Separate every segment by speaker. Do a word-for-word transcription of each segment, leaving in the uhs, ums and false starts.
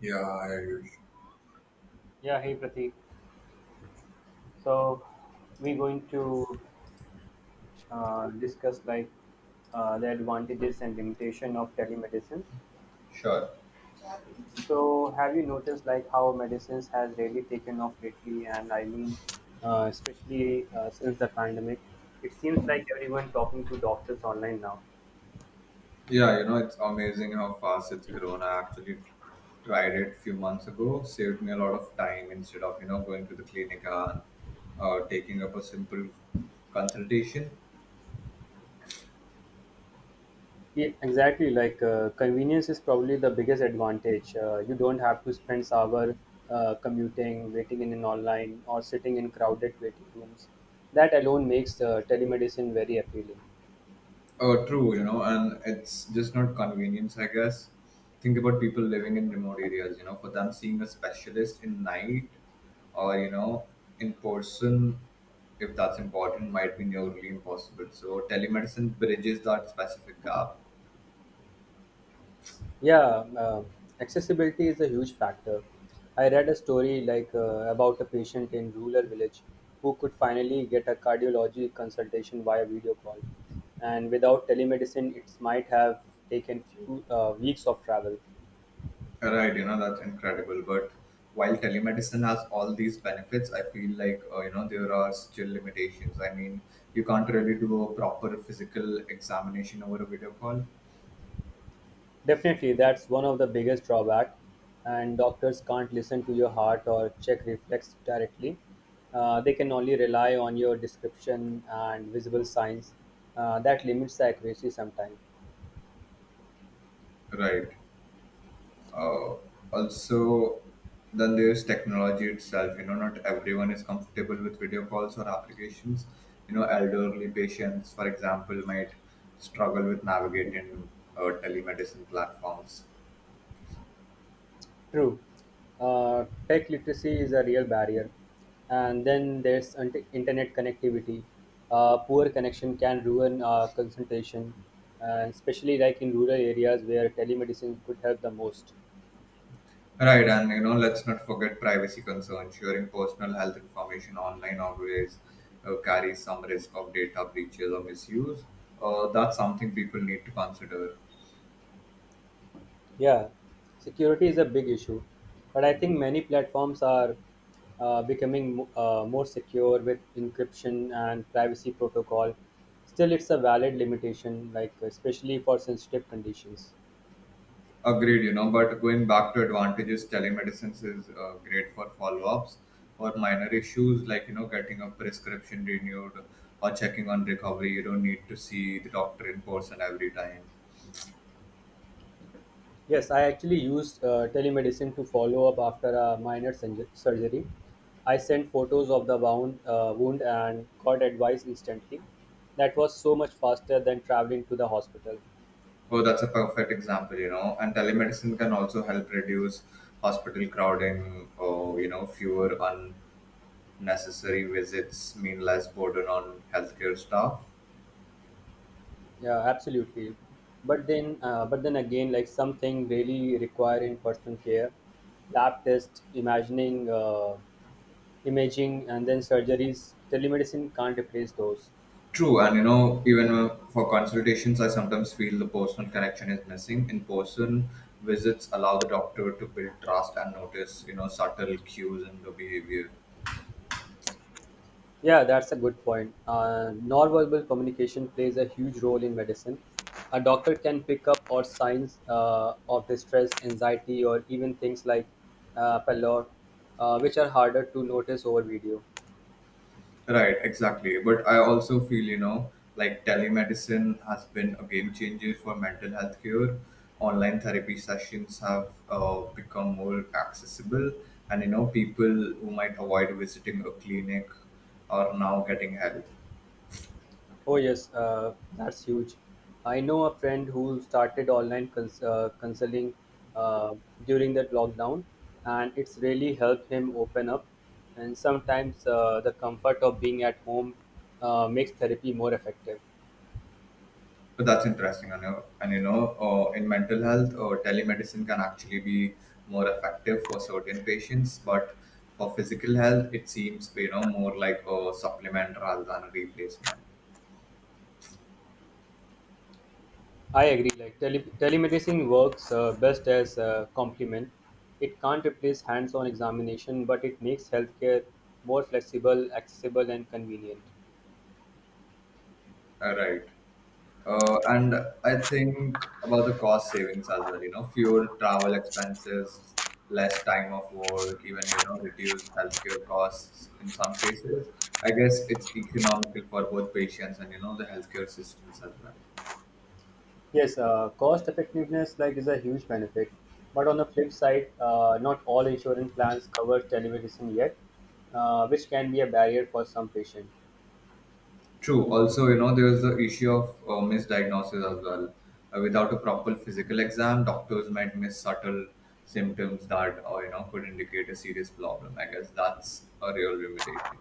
Speaker 1: Yeah, I,
Speaker 2: Yeah, hey Pratik. So we're going to uh, discuss like uh, the advantages and limitation of telemedicine.
Speaker 1: sure.
Speaker 2: So have you noticed like how medicines has really taken off lately? And I mean, uh, especially uh, since the pandemic, it seems like everyone talking to doctors online now.
Speaker 1: Yeah, you know, it's amazing how fast it's grown. I actually tried it a few months ago, saved me a lot of time instead of, you know, going to the clinic and uh, taking up a simple consultation.
Speaker 2: Yeah, exactly. Like uh, convenience is probably the biggest advantage. Uh, you don't have to spend hour uh, commuting, waiting in an online, or sitting in crowded waiting rooms. That alone makes uh, telemedicine very appealing.
Speaker 1: Oh, true, you know, and it's just not convenience, I guess. Think about people living in remote areas, you know, for them seeing a specialist in night or, you know, in person, if that's important, might be nearly impossible. So telemedicine bridges that specific gap.
Speaker 2: Yeah, uh, accessibility is a huge factor. I read a story like uh, about a patient in rural village who could finally get a cardiology consultation via video call, and without telemedicine, it might have taken few uh, weeks of travel.
Speaker 1: Right, you know, that's incredible. But while telemedicine has all these benefits, I feel like, uh, you know, there are still limitations. I mean, you can't really do a proper physical examination over a video call.
Speaker 2: Definitely, that's one of the biggest drawback, and doctors can't listen to your heart or check reflex directly. Uh, they can only rely on your description and visible signs. Uh, that limits the accuracy sometimes.
Speaker 1: Right. uh, Also, then there's technology itself, you know, not everyone is comfortable with video calls or applications. You know, elderly patients for example might struggle with navigating uh, telemedicine platforms.
Speaker 2: True, uh, tech literacy is a real barrier, and then there's int- internet connectivity. Uh, poor connection can ruin uh, consultation, and especially like in rural areas where telemedicine could help the most.
Speaker 1: Right, and you know, let's not forget privacy concerns. Sharing personal health information online always uh, carries some risk of data breaches or misuse. Uh, that's something people need to consider.
Speaker 2: Yeah, security is a big issue, but I think many platforms are uh, becoming mo- uh, more secure with encryption and privacy protocol. Still, it's a valid limitation, like especially for sensitive conditions.
Speaker 1: Agreed, you know, but going back to advantages, telemedicine is uh, great for follow ups or minor issues, like, you know, getting a prescription renewed or checking on recovery. You don't need to see the doctor in person every time.
Speaker 2: Yes, I actually used uh, telemedicine to follow up after a minor surg- surgery. I sent photos of the wound, uh, wound and got advice instantly. That was so much faster than traveling to the hospital.
Speaker 1: Oh, that's a perfect example, you know. And telemedicine can also help reduce hospital crowding, or, you know, fewer unnecessary visits mean less burden on healthcare staff.
Speaker 2: Yeah, absolutely. But then, uh, but then again, like something really requiring personal care, lab test, imagining, uh, imaging, and then surgeries. Telemedicine can't replace those.
Speaker 1: True, and you know, even uh, for consultations, I sometimes feel the personal connection is missing. In person, visits allow the doctor to build trust and notice, you know, subtle cues in the behavior.
Speaker 2: Yeah, that's a good point. Uh, nonverbal communication plays a huge role in medicine. A doctor can pick up or signs uh, of distress, anxiety, or even things like uh, pallor, uh, which are harder to notice over video.
Speaker 1: Right, exactly. But I also feel, you know, like telemedicine has been a game changer for mental health care. Online therapy sessions have uh, become more accessible, and you know, people who might avoid visiting a clinic are now getting help.
Speaker 2: Oh yes, uh, that's huge. I know a friend who started online cons- uh, counseling uh, during that lockdown, and it's really helped him open up. And sometimes uh, the comfort of being at home uh, makes therapy more effective.
Speaker 1: But that's interesting, I know. And you know, uh, in mental health, uh, telemedicine can actually be more effective for certain patients, but for physical health, it seems, you know, more like a supplement rather than a replacement.
Speaker 2: I agree. Like tele- telemedicine works uh, best as a complement. It can't replace hands-on examination, but it makes healthcare more flexible, accessible, and convenient.
Speaker 1: Uh, Right. Uh, and I think about the cost savings as well. You know, fuel, travel expenses, less time of work, even, you know, reduced healthcare costs in some cases. I guess it's economical for both patients and, you know, the healthcare systems as well.
Speaker 2: Yes, uh, cost effectiveness like is a huge benefit, but on the flip side, uh, not all insurance plans cover telemedicine yet, uh, which can be a barrier for some patients.
Speaker 1: True. Also, you know, there's the issue of uh, misdiagnosis as well. Uh, without a proper physical exam, doctors might miss subtle symptoms that, uh, you know, could indicate a serious problem. I guess that's a real limitation.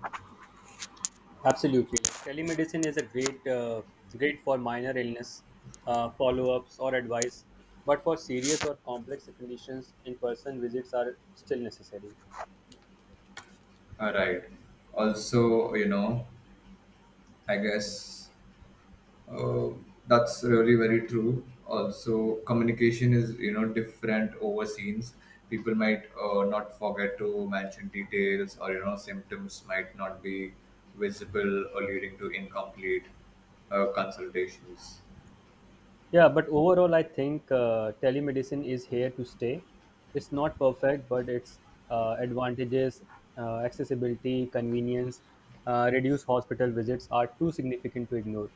Speaker 2: Absolutely, telemedicine is a great uh, great for minor illness uh, follow-ups or advice, but for serious or complex conditions, in-person visits are still necessary.
Speaker 1: All right. Also, you know, I guess Uh, that's really very true. Also, communication is, you know, different over scenes. People might uh, not forget to mention details, or you know, symptoms might not be visible, or leading to incomplete uh, consultations.
Speaker 2: Yeah, but overall, I think uh, telemedicine is here to stay. It's not perfect, but its uh, advantages, uh, accessibility, convenience, uh, reduced hospital visits are too significant to ignore.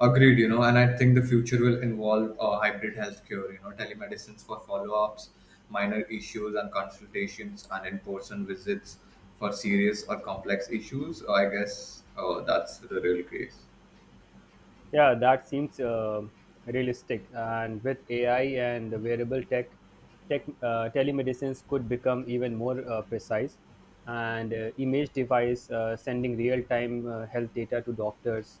Speaker 1: Agreed, you know, and I think the future will involve uh, hybrid healthcare, you know, telemedicines for follow ups, minor issues and consultations, and in person visits for serious or complex issues. So, I guess uh, that's the real case.
Speaker 2: Yeah, that seems uh, realistic. And with A I and wearable tech, tech uh, telemedicines could become even more uh, precise. And uh, image device uh, sending real time uh, health data to doctors.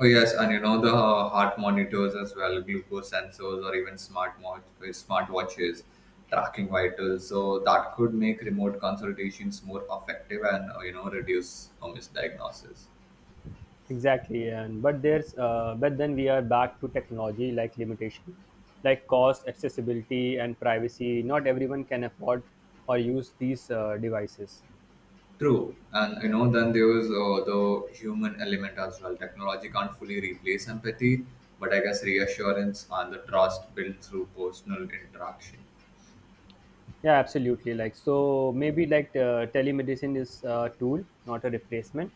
Speaker 1: Oh yes, and you know, the uh, heart monitors as well, glucose sensors, or even smart watch, smart watches tracking vitals. So that could make remote consultations more effective and uh, you know, reduce uh, misdiagnosis.
Speaker 2: Exactly, and but there's uh, but then we are back to technology like limitation, like cost, accessibility, and privacy. Not everyone can afford or use these uh, devices.
Speaker 1: True, and you know then there is uh, the human element as well. Technology can't fully replace empathy, but I guess reassurance and the trust built through personal interaction.
Speaker 2: Yeah, absolutely. Like so, maybe like uh, telemedicine is a tool, not a replacement.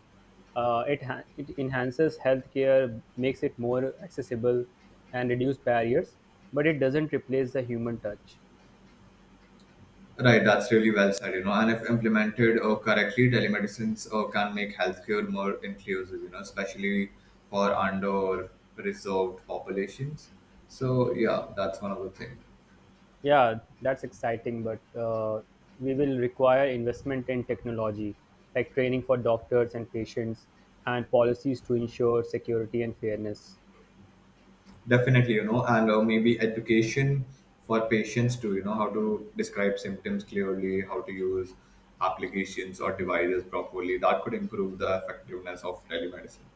Speaker 2: Uh, it ha- it enhances healthcare, makes it more accessible, and reduce barriers, but it doesn't replace the human touch.
Speaker 1: Right, that's really well said, you know. And if implemented uh, correctly, telemedicines uh, can make healthcare more inclusive, you know, especially for under-reserved populations. So yeah, that's one of the things.
Speaker 2: Yeah, that's exciting, but uh, we will require investment in technology, like training for doctors and patients, and policies to ensure security and fairness.
Speaker 1: Definitely, you know, and uh, maybe education for patients too, you know, how to describe symptoms clearly, how to use applications or devices properly. That could improve the effectiveness of telemedicine.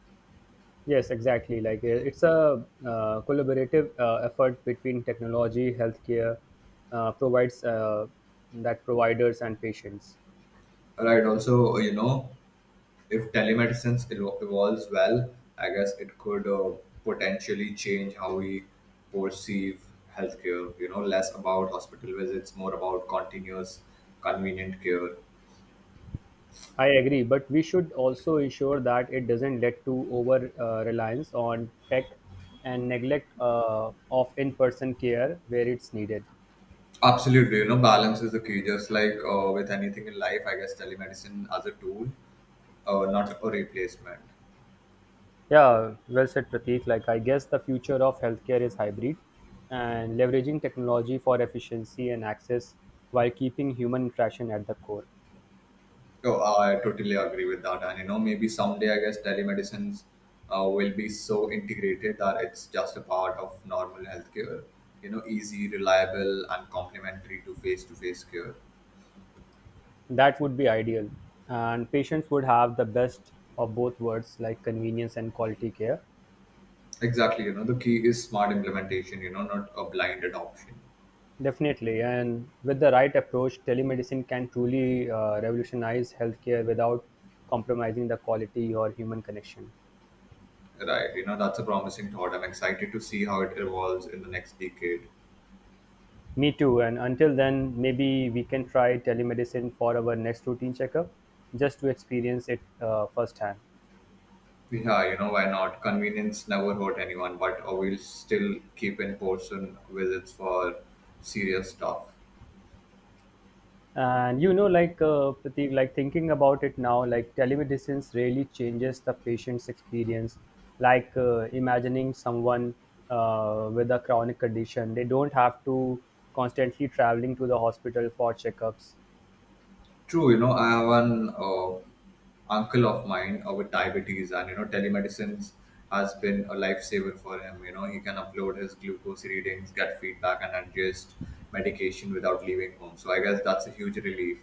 Speaker 2: Yes, exactly. Like uh, it's a uh, collaborative uh, effort between technology, healthcare, uh, provides uh, that providers and patients.
Speaker 1: Right, also, uh, you know, if telemedicine evo- evolves well, I guess it could uh, potentially change how we perceive healthcare. You know, less about hospital visits, more about continuous, convenient care.
Speaker 2: I agree, but we should also ensure that it doesn't lead to over uh, reliance on tech and neglect uh, of in-person care where it's needed.
Speaker 1: Absolutely, you know, balance is the key. Just like uh, with anything in life, I guess telemedicine as a tool, uh, not a replacement.
Speaker 2: Yeah, well said, Prateek. Like, I guess the future of healthcare is hybrid and leveraging technology for efficiency and access while keeping human interaction at the core.
Speaker 1: Oh, I totally agree with that. And you know, maybe someday I guess telemedicines uh, will be so integrated that it's just a part of normal healthcare. You know, easy, reliable, and complementary to face-to-face care.
Speaker 2: That would be ideal. And patients would have the best of both worlds, like convenience and quality care.
Speaker 1: Exactly. You know, the key is smart implementation. You know, not a blind adoption.
Speaker 2: Definitely. And with the right approach, telemedicine can truly uh, revolutionize healthcare without compromising the quality or human connection.
Speaker 1: Right. You know, that's a promising thought. I'm excited to see how it evolves in the next decade.
Speaker 2: Me too. And until then, maybe we can try telemedicine for our next routine checkup just to experience it uh, firsthand.
Speaker 1: Yeah, you know, why not? Convenience never hurt anyone, but uh, we'll still keep in person visits for serious stuff.
Speaker 2: And you know, like uh, Pratik, like thinking about it now, like telemedicine really changes the patient's experience. Like uh, imagining someone uh, with a chronic condition, they don't have to constantly traveling to the hospital for checkups.
Speaker 1: True, you know, I have an uh, uncle of mine uh, with diabetes, and you know, telemedicine has been a lifesaver for him. You know, he can upload his glucose readings, get feedback, and adjust medication without leaving home. So I guess that's a huge relief.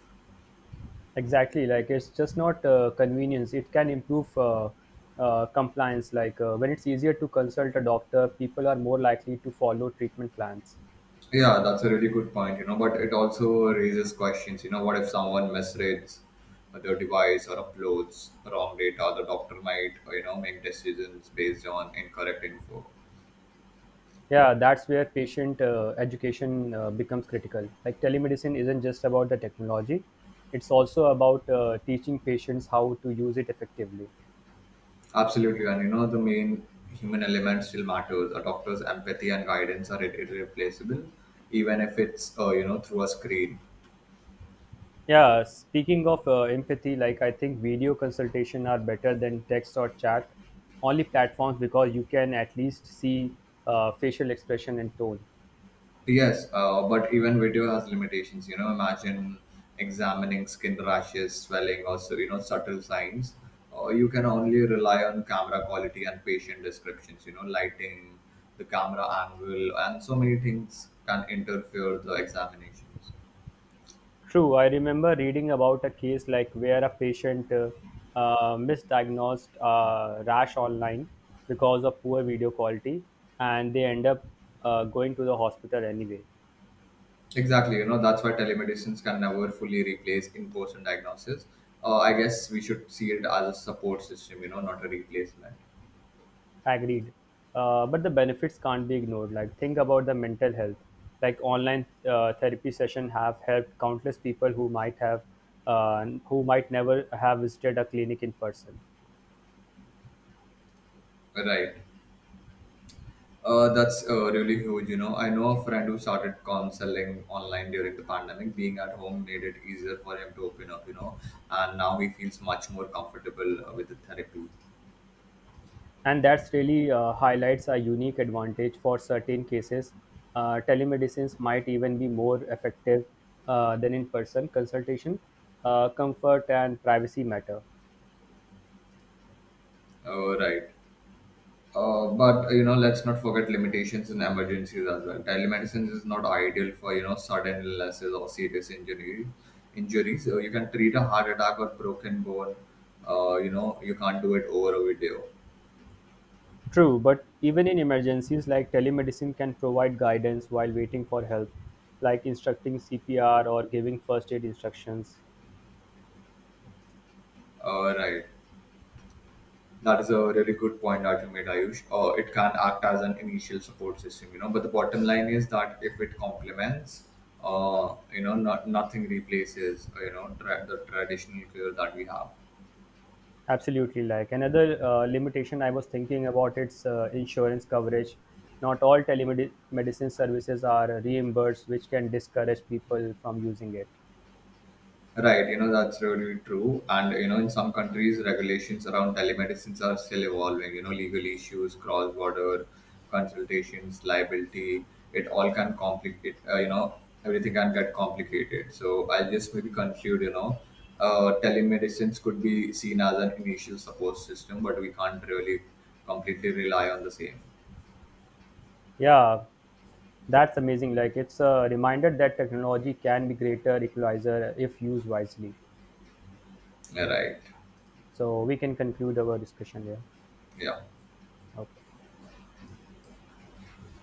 Speaker 2: Exactly, like it's just not uh, convenience. It can improve uh, uh, compliance. Like uh, when it's easier to consult a doctor, people are more likely to follow treatment plans.
Speaker 1: Yeah, that's a really good point, you know, but it also raises questions. You know, what if someone misreads their device or uploads wrong data? The doctor might, you know, make decisions based on incorrect info.
Speaker 2: Yeah, that's where patient uh, education uh, becomes critical. Like telemedicine isn't just about the technology; it's also about uh, teaching patients how to use it effectively.
Speaker 1: Absolutely, and you know, the main human element still matters. A doctor's empathy and guidance are irre- irreplaceable, even if it's uh, you know, through a screen.
Speaker 2: Yeah, speaking of uh, empathy, like I think video consultation are better than text or chat only platforms because you can at least see uh, facial expression and tone.
Speaker 1: Yes, uh, but even video has limitations. You know, imagine examining skin rashes, swelling, or so, you know, subtle signs. Uh, you can only rely on camera quality and patient descriptions. You know, lighting, the camera angle, and so many things can interfere the examinations.
Speaker 2: True, I remember reading about a case like where a patient uh, uh, misdiagnosed uh, rash online because of poor video quality and they end up uh, going to the hospital anyway.
Speaker 1: Exactly, you know, that's why telemedicines can never fully replace in-person diagnosis. Uh, I guess we should see it as a support system, you know, not a replacement.
Speaker 2: Agreed. Uh, but the benefits can't be ignored. Like think about the mental health. Like online uh, therapy session have helped countless people who might have uh, who might never have visited a clinic in person.
Speaker 1: Right. Uh, that's uh, really huge, you know. I know a friend who started counseling online during the pandemic. Being at home made it easier for him to open up, you know, and now he feels much more comfortable uh, with the therapy.
Speaker 2: And that's really uh, highlights a unique advantage for certain cases. Uh, telemedicines might even be more effective uh, than in person consultation. Uh, comfort and privacy matter.
Speaker 1: Uh, right. Uh, but you know, let's not forget limitations and emergencies as well. Telemedicine is not ideal for, you know, sudden illnesses or serious injury injuries. So you can treat a heart attack or broken bone. Uh, you know, you can't do it over a video.
Speaker 2: True, but even in emergencies, like telemedicine can provide guidance while waiting for help, like instructing C P R or giving first aid instructions.
Speaker 1: Uh, right. That is a really good point that you made, Ayush. Uh, it can act as an initial support system, you know. But the bottom line is that if it complements, uh, you know, not nothing replaces, uh, you know, tra- the traditional care that we have.
Speaker 2: Absolutely, like another uh, limitation I was thinking about its uh, insurance coverage. Not all telemedicine services are reimbursed, which can discourage people from using it.
Speaker 1: Right, you know, that's really true. And, you know, in some countries, regulations around telemedicines are still evolving. You know, legal issues, cross border consultations, liability, it all can complicate, uh, you know, everything can get complicated. So I'll just maybe conclude, you know, uh, telemedicines could be seen as an initial support system, but we can't really completely rely on the same.
Speaker 2: Yeah, that's amazing. Like it's a reminder that technology can be greater equalizer if used wisely.
Speaker 1: Right.
Speaker 2: So we can conclude our discussion here.
Speaker 1: Yeah.
Speaker 2: Okay.